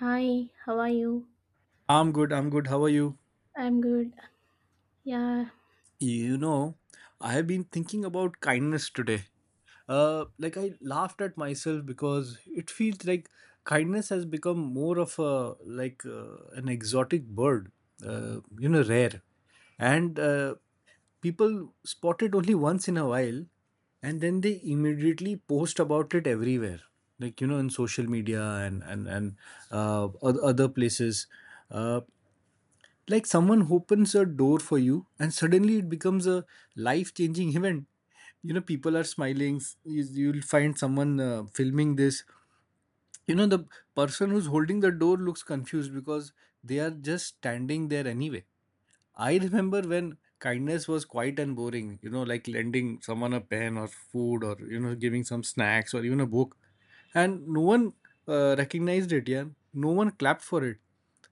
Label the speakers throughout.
Speaker 1: Hi, how are you?
Speaker 2: I'm good. I'm good. How are you?
Speaker 1: I'm good. Yeah,
Speaker 2: You know, I have been thinking about kindness today. Like I laughed at myself because it feels like kindness has become more of a like an exotic bird, you know, rare, and people spot it only once in a while, and then they immediately post about it everywhere, like you know, in social media and other places. Uh, Like someone opens a door for you and suddenly it becomes a life changing event. You know, people are smiling. You'll find someone filming this. You know, the person who's holding the door looks confused because they are just standing there anyway. I remember when kindness was quiet and boring, you know, like lending someone a pen or food or, you know, giving some snacks or even a book. And no one recognized it, yeah. No one clapped for it.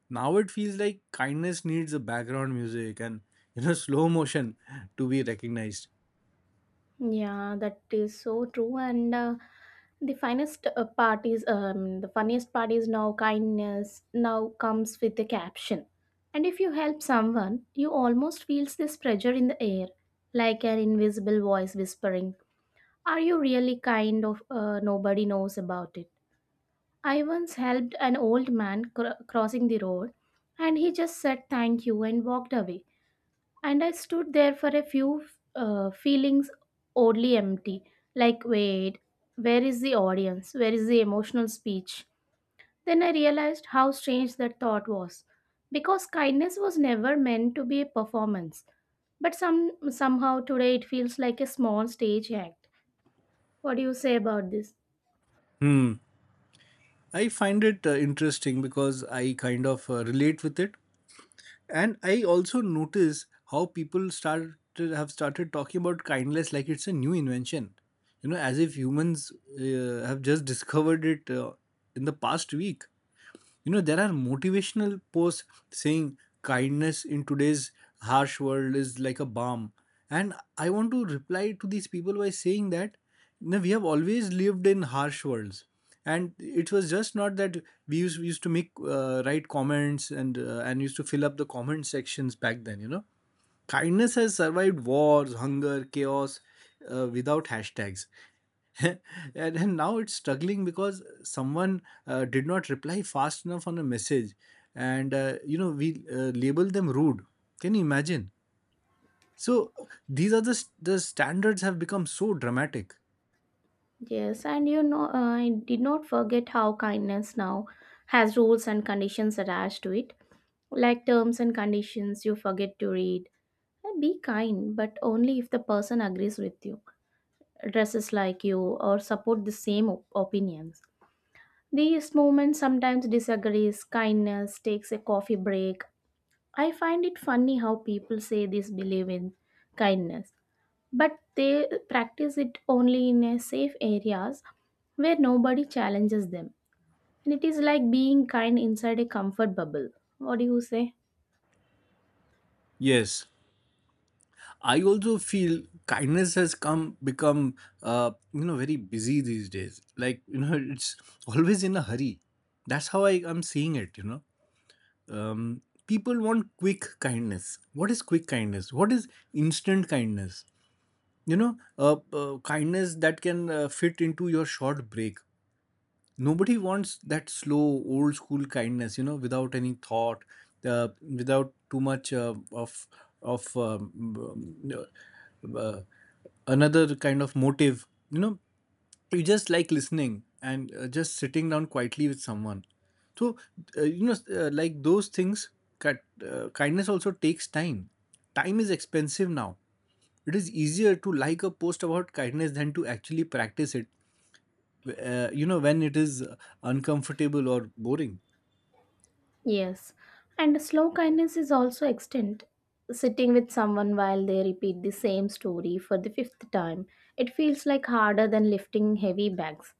Speaker 2: Now it feels like kindness needs a background music and you know slow motion to be recognized.
Speaker 1: yeah, that is so true. And the finest part is, the funniest part is now kindness now comes with a caption. And if you help someone, you almost feels this pressure in the air, like an invisible voice whispering, "Are you really kind?" Of nobody knows about it. I once helped an old man crossing the road, and he just said thank you and walked away. And I stood there for a few feelings oddly empty. Like, wait, where is the audience? Where is the emotional speech? Then I realized how strange that thought was. Because kindness was never meant to be a performance. But somehow today it feels like a small stage act. What do you say about this?
Speaker 2: Hmm. I find it interesting because I kind of relate with it, and I also notice how people started have started talking about kindness like it's a new invention. You know, as if humans have just discovered it in the past week. You know, there are motivational posts saying kindness in today's harsh world is like a balm, and I want to reply to these people by saying that, you know, we have always lived in harsh worlds, and it was just not that we used to make write comments and and used to fill up the comment sections back then, you know. Kindness has survived wars, hunger, chaos without hashtags. and, and now it's struggling because someone did not reply fast enough on a message, and you know, we label them rude. Can you imagine? So these are the standards have become so dramatic.
Speaker 1: Yes, and you know, I did not forget how kindness now has rules and conditions attached to it, like terms and conditions you forget to read. And be kind, but only if the person agrees with you, dresses like you, or support the same opinions. These movements sometimes disagrees, kindness, takes a coffee break. I find it funny how people say this believe in kindness, but they practice it only in a safe areas where nobody challenges them. And it is like being kind inside a comfort bubble. What do you say?
Speaker 2: Yes, I also feel kindness has come become you know, very busy these days, like you know, it's always in a hurry. That's how I am seeing it, you know. People want quick kindness. What is quick kindness? What is instant kindness? You know, kindness that can fit into your short break. Nobody wants that slow old school kindness, you know, without any thought, uh, without too much of another kind of motive, you know. You just like listening and just sitting down quietly with someone. So you know, like those things cut. Kindness also takes time. Time is expensive now. It is easier to like a post about kindness than to actually practice it, you know, when it is uncomfortable or boring.
Speaker 1: Yes, and slow kindness is also extent. Sitting with someone while they repeat the same story for the fifth time, it feels like harder than lifting heavy bags.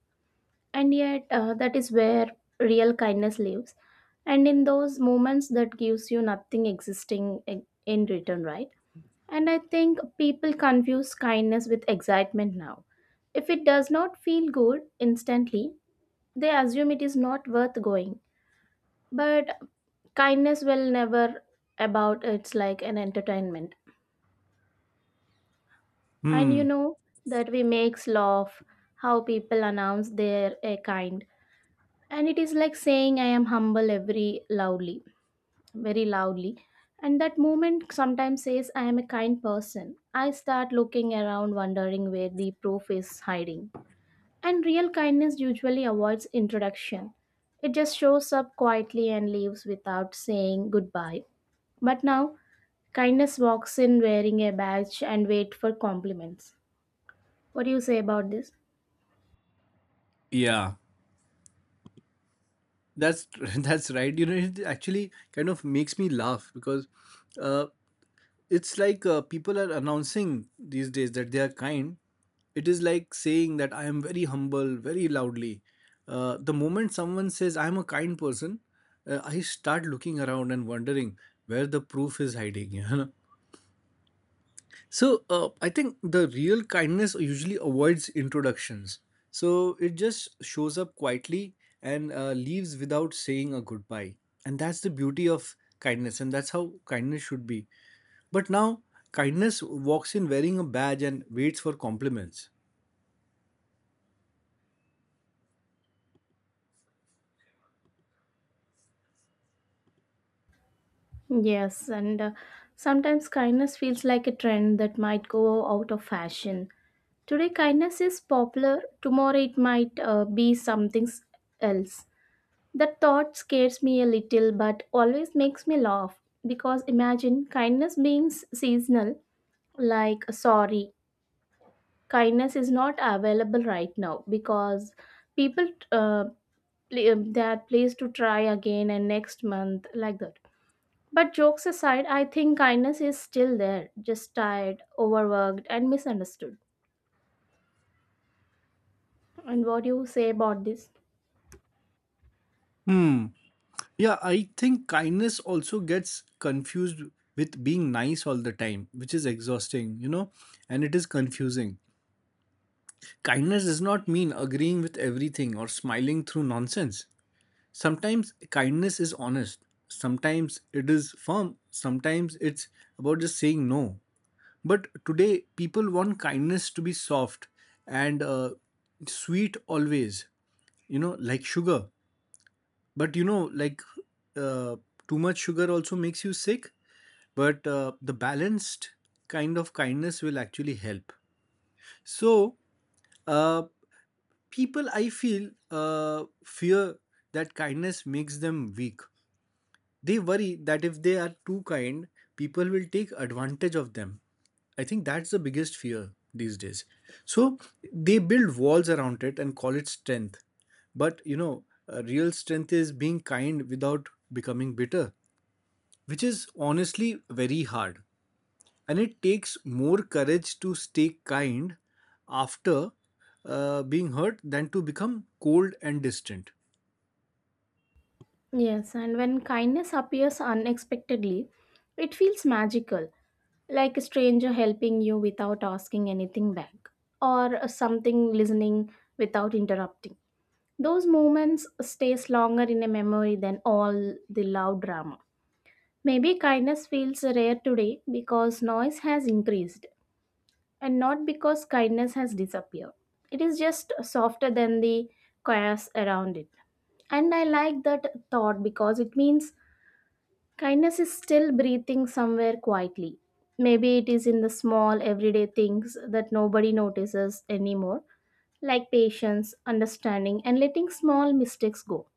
Speaker 1: And yet, that is where real kindness lives. And in those moments, that gives you nothing existing in return, right? And I think people confuse kindness with excitement now. If it does not feel good instantly, they assume it is not worth going. But kindness will never about it's like an entertainment. And you
Speaker 2: Hmm.
Speaker 1: know that we makes laugh how people announce they're a kind, and it is like saying I am humble every loudly, very loudly. And that moment sometimes says I am a kind person, I start looking around wondering where the proof is hiding. And real kindness usually avoids introduction, it just shows up quietly and leaves without saying goodbye. But now kindness walks in wearing a badge and wait for compliments. What do you say about this?
Speaker 2: Yeah, that's that's right, you know. It actually kind of makes me laugh because uh, it's like people are announcing these days that they are kind. It is like saying that I am very humble very loudly. The moment someone says I am a kind person, I start looking around and wondering where the proof is hiding you know? So I think the real kindness usually avoids introductions. So it just shows up quietly and leaves without saying a goodbye. And that's the beauty of kindness, and that's how kindness should be. But now, kindness walks in wearing a badge and waits for compliments.
Speaker 1: Yes, and sometimes kindness feels like a trend that might go out of fashion. Today, kindness is popular, tomorrow, it might be something else. That thought scares me a little but always makes me laugh because imagine kindness being seasonal, like sorry, kindness is not available right now because people uh, they are pleased to try again and next month like that. But jokes aside, I think kindness is still there, just tired, overworked, and misunderstood. And what do you say about this?
Speaker 2: Hmm. Yeah, I think kindness also gets confused with being nice all the time, which is exhausting, you know, and it is confusing. Kindness does not mean agreeing with everything or smiling through nonsense. Sometimes kindness is honest, sometimes it is firm, sometimes it's about just saying no. But today, people want kindness to be soft and sweet always, you know, like sugar. But you know, like uh, too much sugar also makes you sick, but the balanced kind of kindness will actually help. So, uh, people I feel uh, fear that kindness makes them weak. They worry that if they are too kind, people will take advantage of them. I think that's the biggest fear these days. So they build walls around it and call it strength. But you know, real strength is being kind without becoming bitter, which is honestly very hard. And it takes more courage to stay kind after being hurt than to become cold and distant.
Speaker 1: Yes, and when kindness appears unexpectedly, it feels magical, like a stranger helping you without asking anything back, or something listening without interrupting. Those moments stays longer in a memory than all the loud drama. Maybe kindness feels rare today because noise has increased and not because kindness has disappeared. It is just softer than the chaos around it. And I like that thought because it means kindness is still breathing somewhere quietly. Maybe it is in the small everyday things that nobody notices anymore, like patience, understanding, and letting small mistakes go.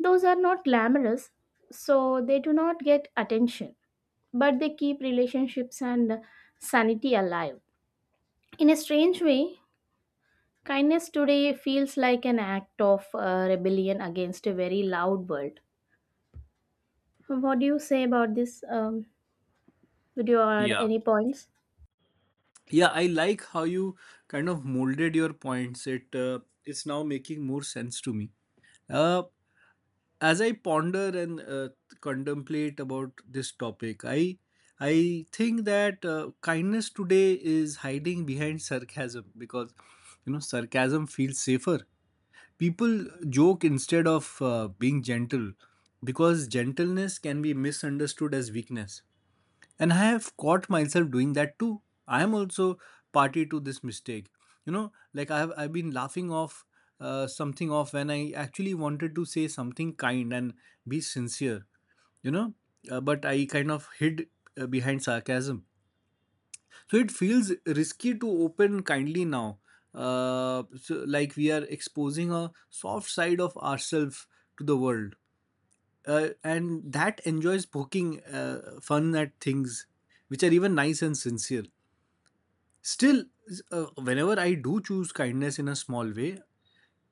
Speaker 1: Those are not glamorous, so they do not get attention, but they keep relationships and sanity alive. In a strange way, kindness today feels like an act of rebellion against a very loud world. What do you say about this? Would you add
Speaker 2: Yeah.
Speaker 1: any points?
Speaker 2: Yeah, I like how you kind of molded your points. It it's now making more sense to me. uh, as I ponder and contemplate about this topic, I think that kindness today is hiding behind sarcasm, because you know sarcasm feels safer. People joke instead of being gentle, because gentleness can be misunderstood as weakness. And I have caught myself doing that too. I am also party to this mistake. You know, like I've been laughing off something off when I actually wanted to say something kind and be sincere, you know, but I kind of hid behind sarcasm. So it feels risky to open kindly now, so like we are exposing a soft side of ourselves to the world, and that enjoys poking fun at things which are even nice and sincere. Still, whenever I do choose kindness in a small way,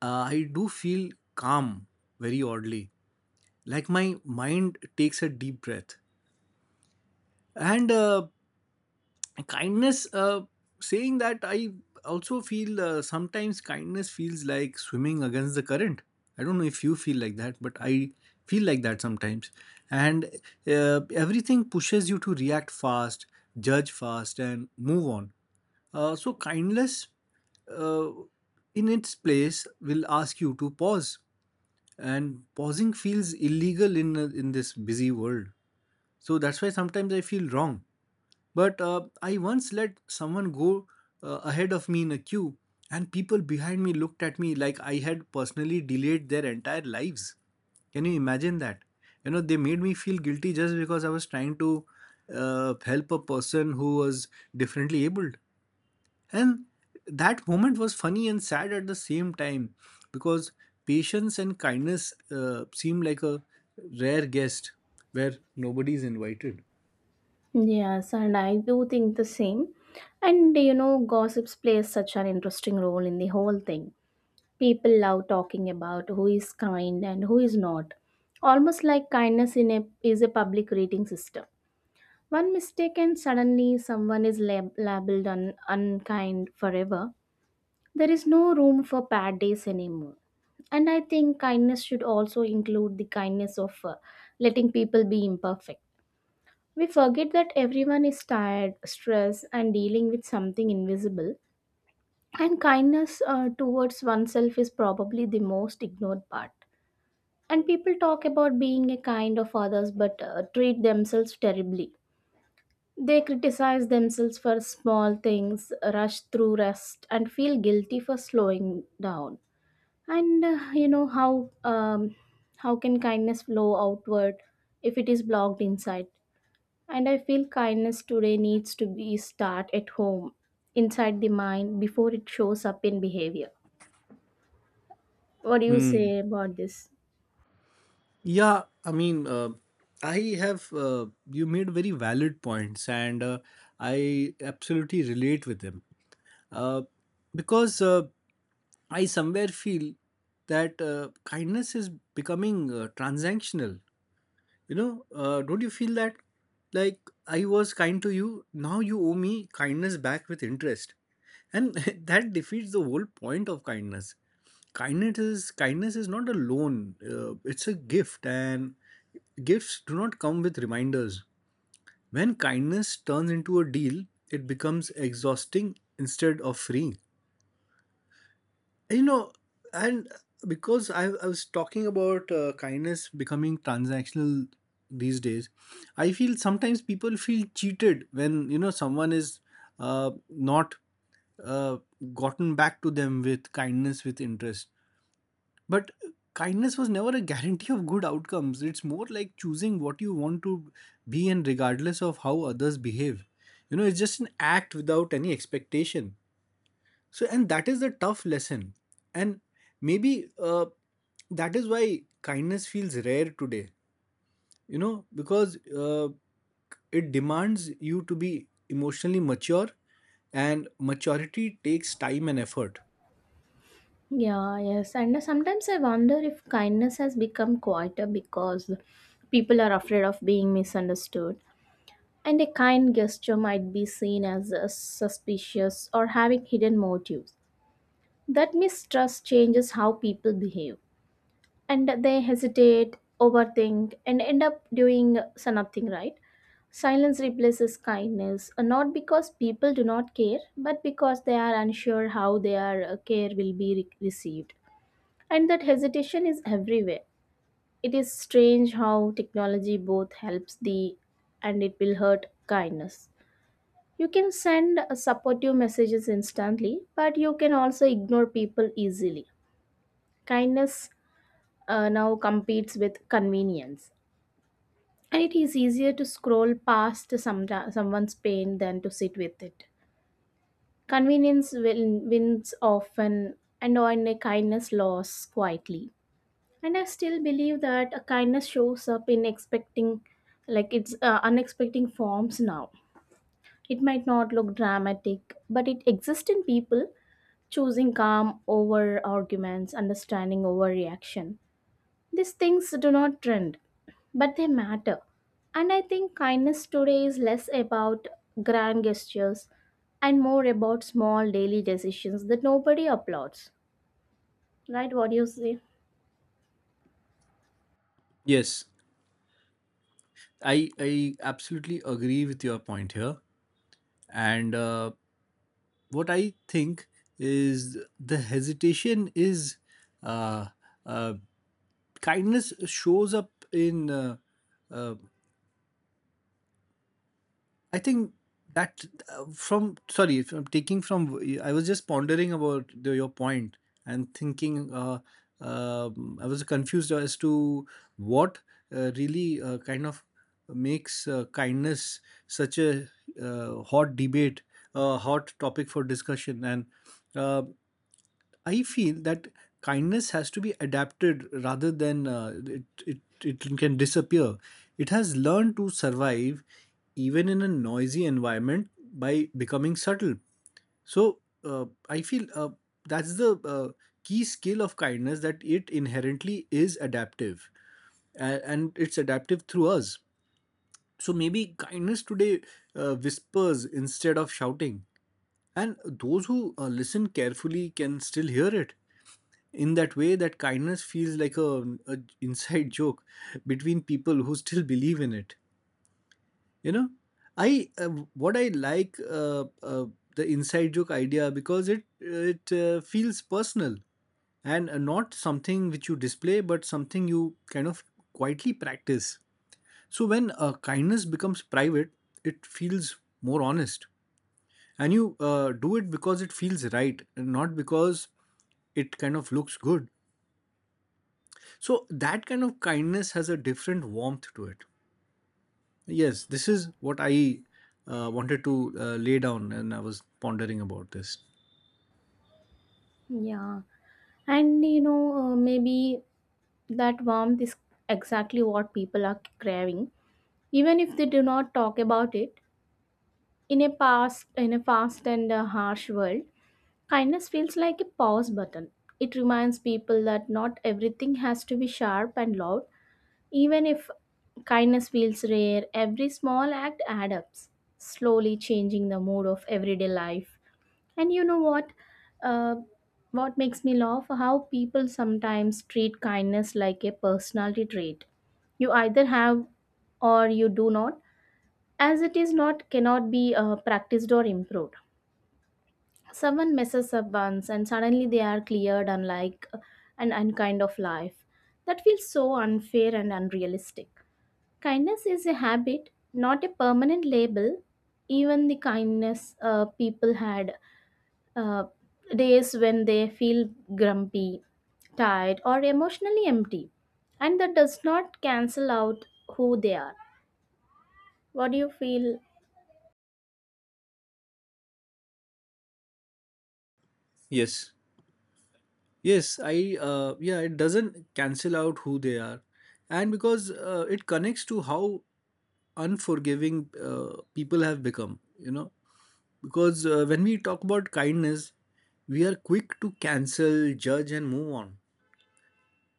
Speaker 2: I do feel calm, very oddly, like my mind takes a deep breath. And kindness, saying that I also feel sometimes kindness feels like swimming against the current. I don't know if you feel like that, but I feel like that sometimes. And everything pushes you to react fast, judge fast and move on. Uh, so kindness uh, in its place will ask you to pause, and pausing feels illegal in this busy world. So that's why sometimes I feel wrong. But I once let someone go ahead of me in a queue, and people behind me looked at me like I had personally delayed their entire lives. Can you imagine that? You know, they made me feel guilty just because I was trying to help a person who was differently abled. And that moment was funny and sad at the same time, because patience and kindness seem like a rare guest where nobody is invited.
Speaker 1: Yes, and I do think the same. And you know, gossips plays such an interesting role in the whole thing. People love talking about who is kind and who is not, almost like kindness in a, is a public rating system. One mistake, and suddenly someone is labeled unkind forever. There is no room for bad days anymore. And I think kindness should also include the kindness of letting people be imperfect. We forget that everyone is tired, stressed, and dealing with something invisible. And kindness towards oneself is probably the most ignored part. And people talk about being a kind of others but treat themselves terribly. They criticize themselves for small things, rush through rest, and feel guilty for slowing down. And you know how can kindness flow outward if it is blocked inside? And I feel kindness today needs to be start at home, inside the mind, before it shows up in behavior. What do you
Speaker 2: Hmm.
Speaker 1: say about this?
Speaker 2: Yeah, I mean, I have, you made very valid points, and I absolutely relate with them. Uh, because I somewhere feel that kindness is becoming transactional. You know, don't you feel that, like I was kind to you, now you owe me kindness back with interest. And that defeats the whole point of kindness. Kindness is not a loan. It's a gift, and gifts do not come with reminders. When kindness turns into a deal, it becomes exhausting instead of freeing, you know. And because I was talking about kindness becoming transactional these days, I feel sometimes people feel cheated when you know someone is not uh, gotten back to them with kindness with interest. But kindness was never a guarantee of good outcomes. It's more like choosing what you want to be, and regardless of how others behave, you know. It's just an act without any expectation. So, and that is the tough lesson. And maybe that is why kindness feels rare today, you know, because it demands you to be emotionally mature, and maturity takes time and effort.
Speaker 1: Yeah, yes. And sometimes I wonder if kindness has become quieter because people are afraid of being misunderstood. And a kind gesture might be seen as suspicious or having hidden motives. That mistrust changes how people behave. And they hesitate, overthink, and end up doing so nothing, right? Silence replaces kindness, not because people do not care, but because they are unsure how their care will be received. And that hesitation is everywhere. It is strange how technology both helps the and it will hurt kindness. You can send supportive messages instantly, but you can also ignore people easily. Kindness now competes with convenience, and it is easier to scroll past some, someone's pain than to sit with it. Convenience win, wins often, and on a kindness loss quietly. And I still believe that a kindness shows up in expecting, like it's unexpected forms now. It might not look dramatic but it exists in people choosing calm over arguments, understanding over reaction. These things do not trend, but they matter. And I think kindness today is less about grand gestures and more about small daily decisions that nobody applauds, right? What do you say?
Speaker 2: Yes, I absolutely agree with your point here. And what I think is the hesitation is uh, uh, kindness shows up in. I think that from sorry from taking from I was just pondering about your point and thinking, I was confused as to what really kind of makes kindness such a hot debate, a hot topic for discussion. And uh, I feel that kindness has to be adapted rather than it can disappear. It has learned to survive even in a noisy environment by becoming subtle. So I feel that's the key skill of kindness, that it inherently is adaptive, and it's adaptive through us. So maybe kindness today whispers instead of shouting, and those who listen carefully can still hear it in that way that kindness feels like a inside joke between people who still believe in it you know I what I like the inside joke idea because it feels personal and not something which you display but something you kind of quietly practice. So when kindness becomes private, it feels more honest, and you do it because it feels right and not because it kind of looks good. So that kind of kindness has a different warmth to it. Yes, this is what I wanted to lay down, and I was pondering about this.
Speaker 1: Yeah, and you know maybe that warmth is exactly what people are craving, even if they do not talk about it. In a past, in a fast and harsh world, kindness feels like a pause button. It reminds people that not everything has to be sharp and loud. Even if kindness feels rare, every small act adds up, slowly changing the mood of everyday life. And you know what? Uh, what makes me laugh? How people sometimes treat kindness like a personality trait. You either have or you do not, as it is not cannot be practiced or improved. Someone messes up once and suddenly they are cleared unlike an unkind of life. That feels so unfair and unrealistic. Kindness is a habit, not a permanent label. Even the kindness people had uh, days when they feel grumpy, tired, or emotionally empty. And that does not cancel out who they are. What do you feel?
Speaker 2: Yes, yes, I, it doesn't cancel out who they are, and because it connects to how unforgiving people have become. You know, because when we talk about kindness, we are quick to cancel, judge, and move on.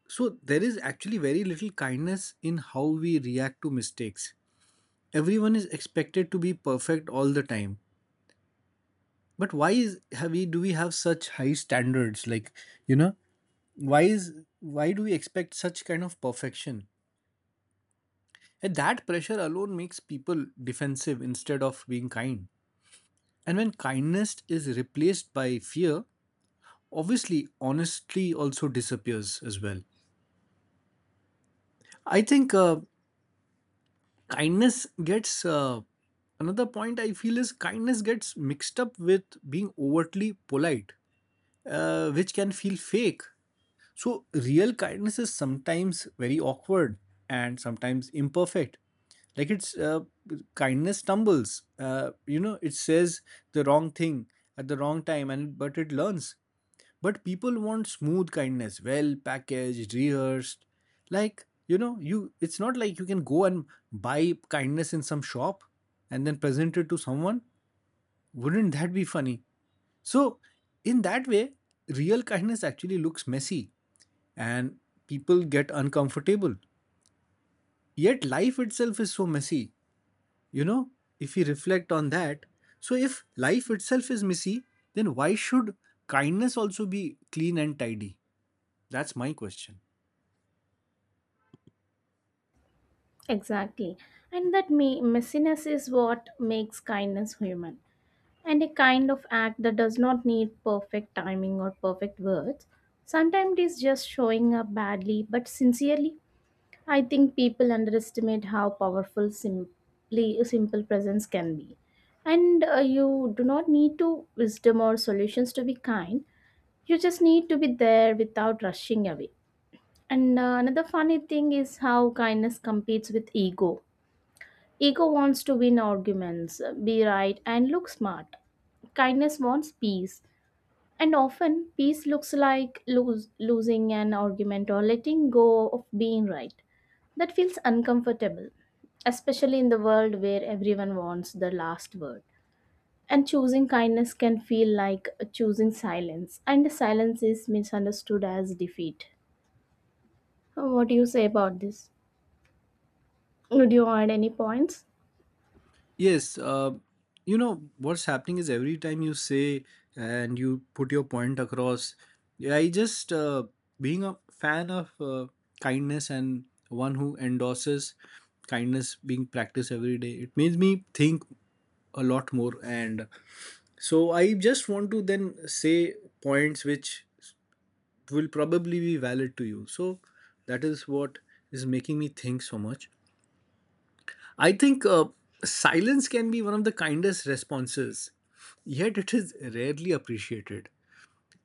Speaker 2: So there is actually very little kindness in how we react to mistakes. Everyone is expected to be perfect all the time. But why is have we do we have such high standards? Like, you know, why is why do we expect such kind of perfection? And that pressure alone makes people defensive instead of being kind. And when kindness is replaced by fear, obviously honesty also disappears as well. I think kindness gets Another point I feel is kindness gets mixed up with being overtly polite, which can feel fake. So, real kindness is sometimes very awkward and sometimes imperfect. Like it's kindness stumbles. You know, it says the wrong thing at the wrong time, and but it learns. But people want smooth kindness, well packaged, rehearsed. Like you know, you it's not like you can go and buy kindness in some shop and then present it to someone. Wouldn't that be funny? So, in that way, real kindness actually looks messy and people get uncomfortable. Yet, life itself is so messy. You know, if we reflect on that, so if life itself is messy, then why should kindness also be clean and tidy? That's my question.
Speaker 1: Exactly. And that messiness is what makes kindness human. And a kind of act that does not need perfect timing or perfect words. Sometimes it is just showing up badly but sincerely. I think people underestimate how powerful simply a simple presence can be. And you do not need to wisdom or solutions to be kind. You just need to be there without rushing away. And another funny thing is how kindness competes with ego. Ego wants to win arguments, be right, and look smart. Kindness wants peace, and often, peace looks like lose, losing an argument or letting go of being right. That feels uncomfortable, especially in the world where everyone wants the last word. And choosing kindness can feel like choosing silence, and silence is misunderstood as defeat. What do you say about this? Would you add any points?
Speaker 2: Yes, you know what's happening is every time you say and you put your point across, yeah, I just being a fan of kindness and one who endorses kindness being practiced every day, it makes me think a lot more. And so I just want to then say points which will probably be valid to you. So that is what is making me think so much. I think silence can be one of the kindest responses, yet it is rarely appreciated.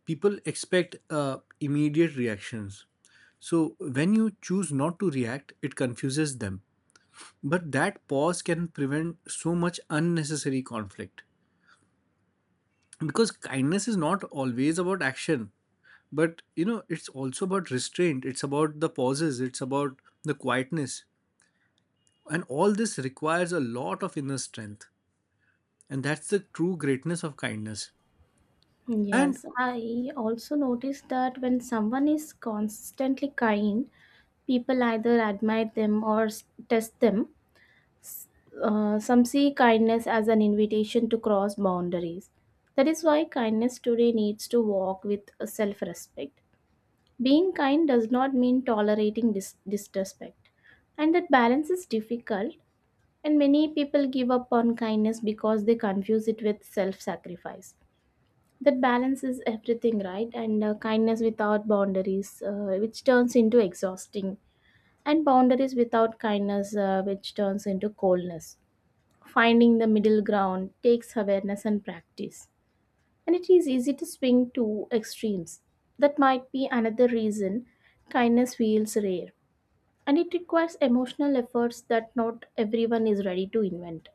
Speaker 2: People expect immediate reactions. So when you choose not to react, it confuses them. But that pause can prevent so much unnecessary conflict. Because kindness is not always about action, but you know, it's also about restraint, it's about the pauses, it's about the quietness. And all this requires a lot of inner strength. And that's the true greatness of kindness. And
Speaker 1: Yes, I also noticed that when someone is constantly kind, people either admire them or test them. Some see kindness as an invitation to cross boundaries. That is why kindness today needs to walk with self respect. Being kind does not mean tolerating disrespect, and that balance is difficult. And many people give up on kindness because they confuse it with self sacrifice. That balance is everything, right? And kindness without boundaries, which turns into exhausting, and boundaries without kindness, which turns into coldness. Finding the middle ground takes awareness and practice, and it is easy to swing to extremes. That might be another reason kindness feels rare, and it requires emotional efforts that not everyone is ready to invent.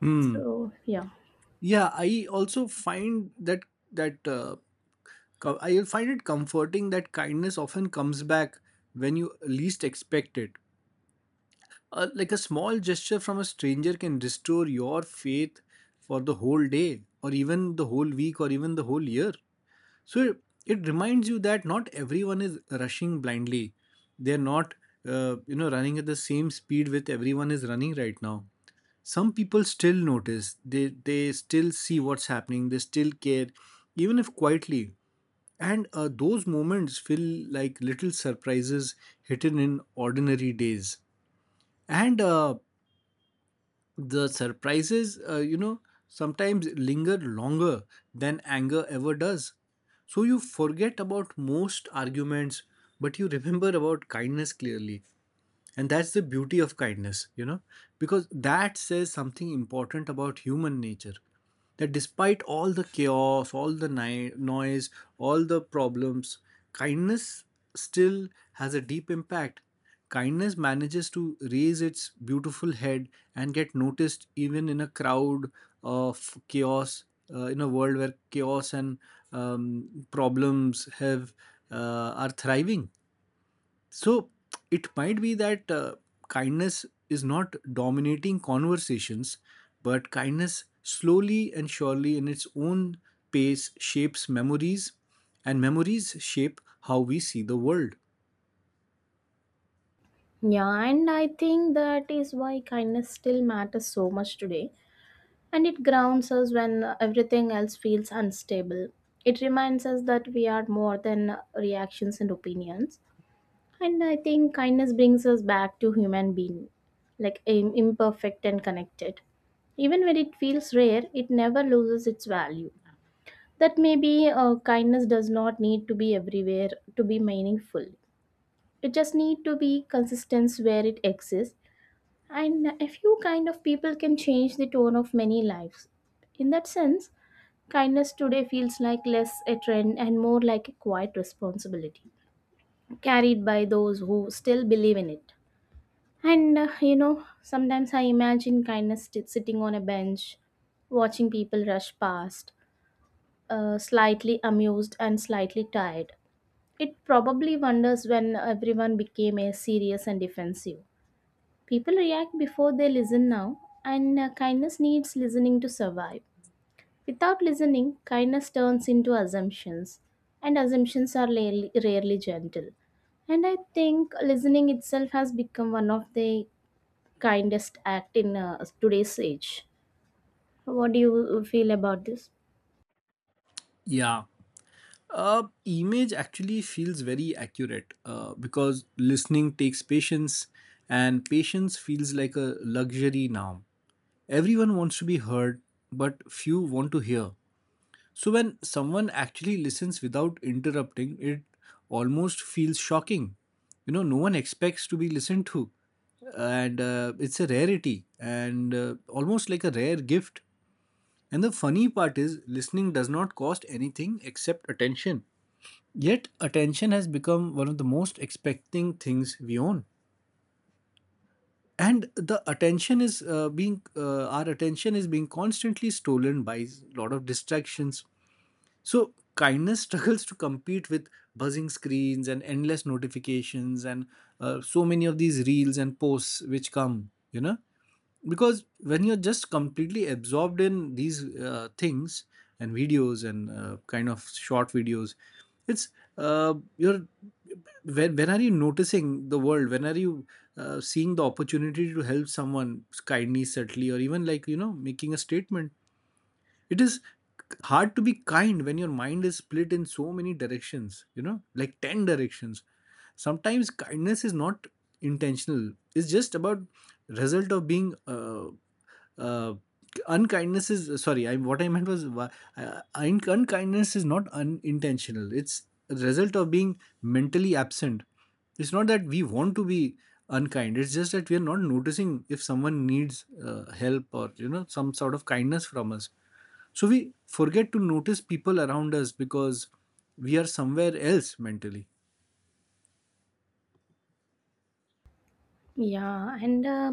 Speaker 2: hmm,
Speaker 1: So, yeah.
Speaker 2: yeah, I also find that that uh, I find it comforting that kindness often comes back when you least expect it. Like a small gesture from a stranger can restore your faith for the whole day, or even the whole week, or even the whole year. So it reminds you that not everyone is rushing blindly. They're not, you know, running at the same speed with everyone is running right now. Some people still notice, they still see what's happening, they still care, even if quietly. And those moments feel like little surprises hidden in ordinary days, and the surprises, you know, sometimes linger longer than anger ever does. So you forget about most arguments, but you remember about kindness clearly. And that's the beauty of kindness, you know, because that says something important about human nature. That despite all the chaos, all the noise, all the problems, kindness still has a deep impact. Kindness manages to raise its beautiful head and get noticed even in a crowd of chaos, in a world where chaos and problems have are thriving. So it might be that kindness is not dominating conversations, but kindness slowly and surely in its own pace shapes memories, and memories shape how we see the world.
Speaker 1: Yeah, and I think that is why kindness still matters so much today. And it grounds us when everything else feels unstable. It reminds us that we are more than reactions and opinions. And I think kindness brings us back to human being, like imperfect and connected. Even when it feels rare, it never loses its value. That maybe kindness does not need to be everywhere to be meaningful. It just need to be consistent where it exists. And a few kind of people can change the tone of many lives. In that sense, kindness today feels like less a trend and more like a quiet responsibility carried by those who still believe in it. And you know, sometimes I imagine kindness sitting on a bench, watching people rush past, slightly amused and slightly tired. It probably wonders when everyone became a serious and defensive. People react before they listen now, and kindness needs listening to survive. Without listening, kindness turns into assumptions, and assumptions are rarely, rarely gentle. And I think listening itself has become one of the kindest act in today's age. What do you feel about this?
Speaker 2: Yeah. Image actually feels very accurate because listening takes patience, and patience feels like a luxury now. Everyone wants to be heard, but few want to hear. So, when someone actually listens without interrupting, it almost feels shocking. You know, no one expects to be listened to, and it's a rarity and almost like a rare gift. And the funny part is, listening does not cost anything except attention. Yet, attention has become one of the most expecting things we own. And the attention is being, our attention is being constantly stolen by a lot of distractions, so kindness struggles to compete with buzzing screens and endless notifications and so many of these reels and posts which come, you know, because when you're just completely absorbed in these things and videos and kind of short videos, it's you're when are you noticing the world, when are you seeing the opportunity to help someone kindly, subtly, or even like you know making a statement. It is hard to be kind when your mind is split in so many directions, you know, like 10 directions. Sometimes kindness is not intentional, it's just about result of being uh, unkindness is sorry I what I meant was wa- un- unkindness is not unintentional, it's a result of being mentally absent. It's not that we want to be unkind, it's just that we are not noticing if someone needs help or you know some sort of kindness from us. So we forget to notice people around us because we are somewhere else mentally.
Speaker 1: Yeah, and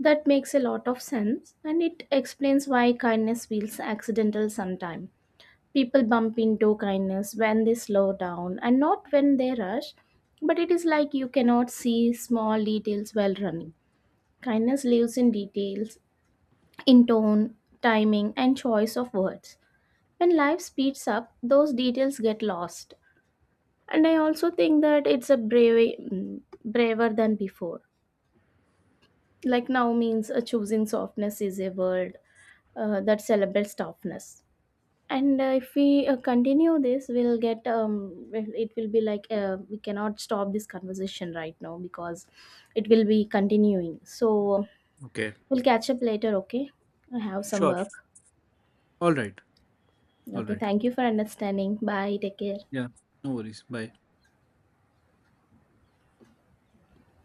Speaker 1: that makes a lot of sense, and it explains why kindness feels accidental sometimes. People bump into kindness when they slow down and not when they rush, but it is like you cannot see small details while running. Kindness lives in details, in tone, timing, and choice of words. When life speeds up, those details get lost. And I also think that it's a brave braver than before, like now means choosing softness is a word that celebrates toughness. And if we continue this we'll get well, it will be like we cannot stop this conversation right now because it will be continuing. So
Speaker 2: Okay.
Speaker 1: we'll catch up later, okay? I have some
Speaker 2: Sure.
Speaker 1: work.
Speaker 2: All right. All
Speaker 1: Okay,
Speaker 2: right.
Speaker 1: thank you for understanding. Bye, take care.
Speaker 2: Yeah. No worries. Bye.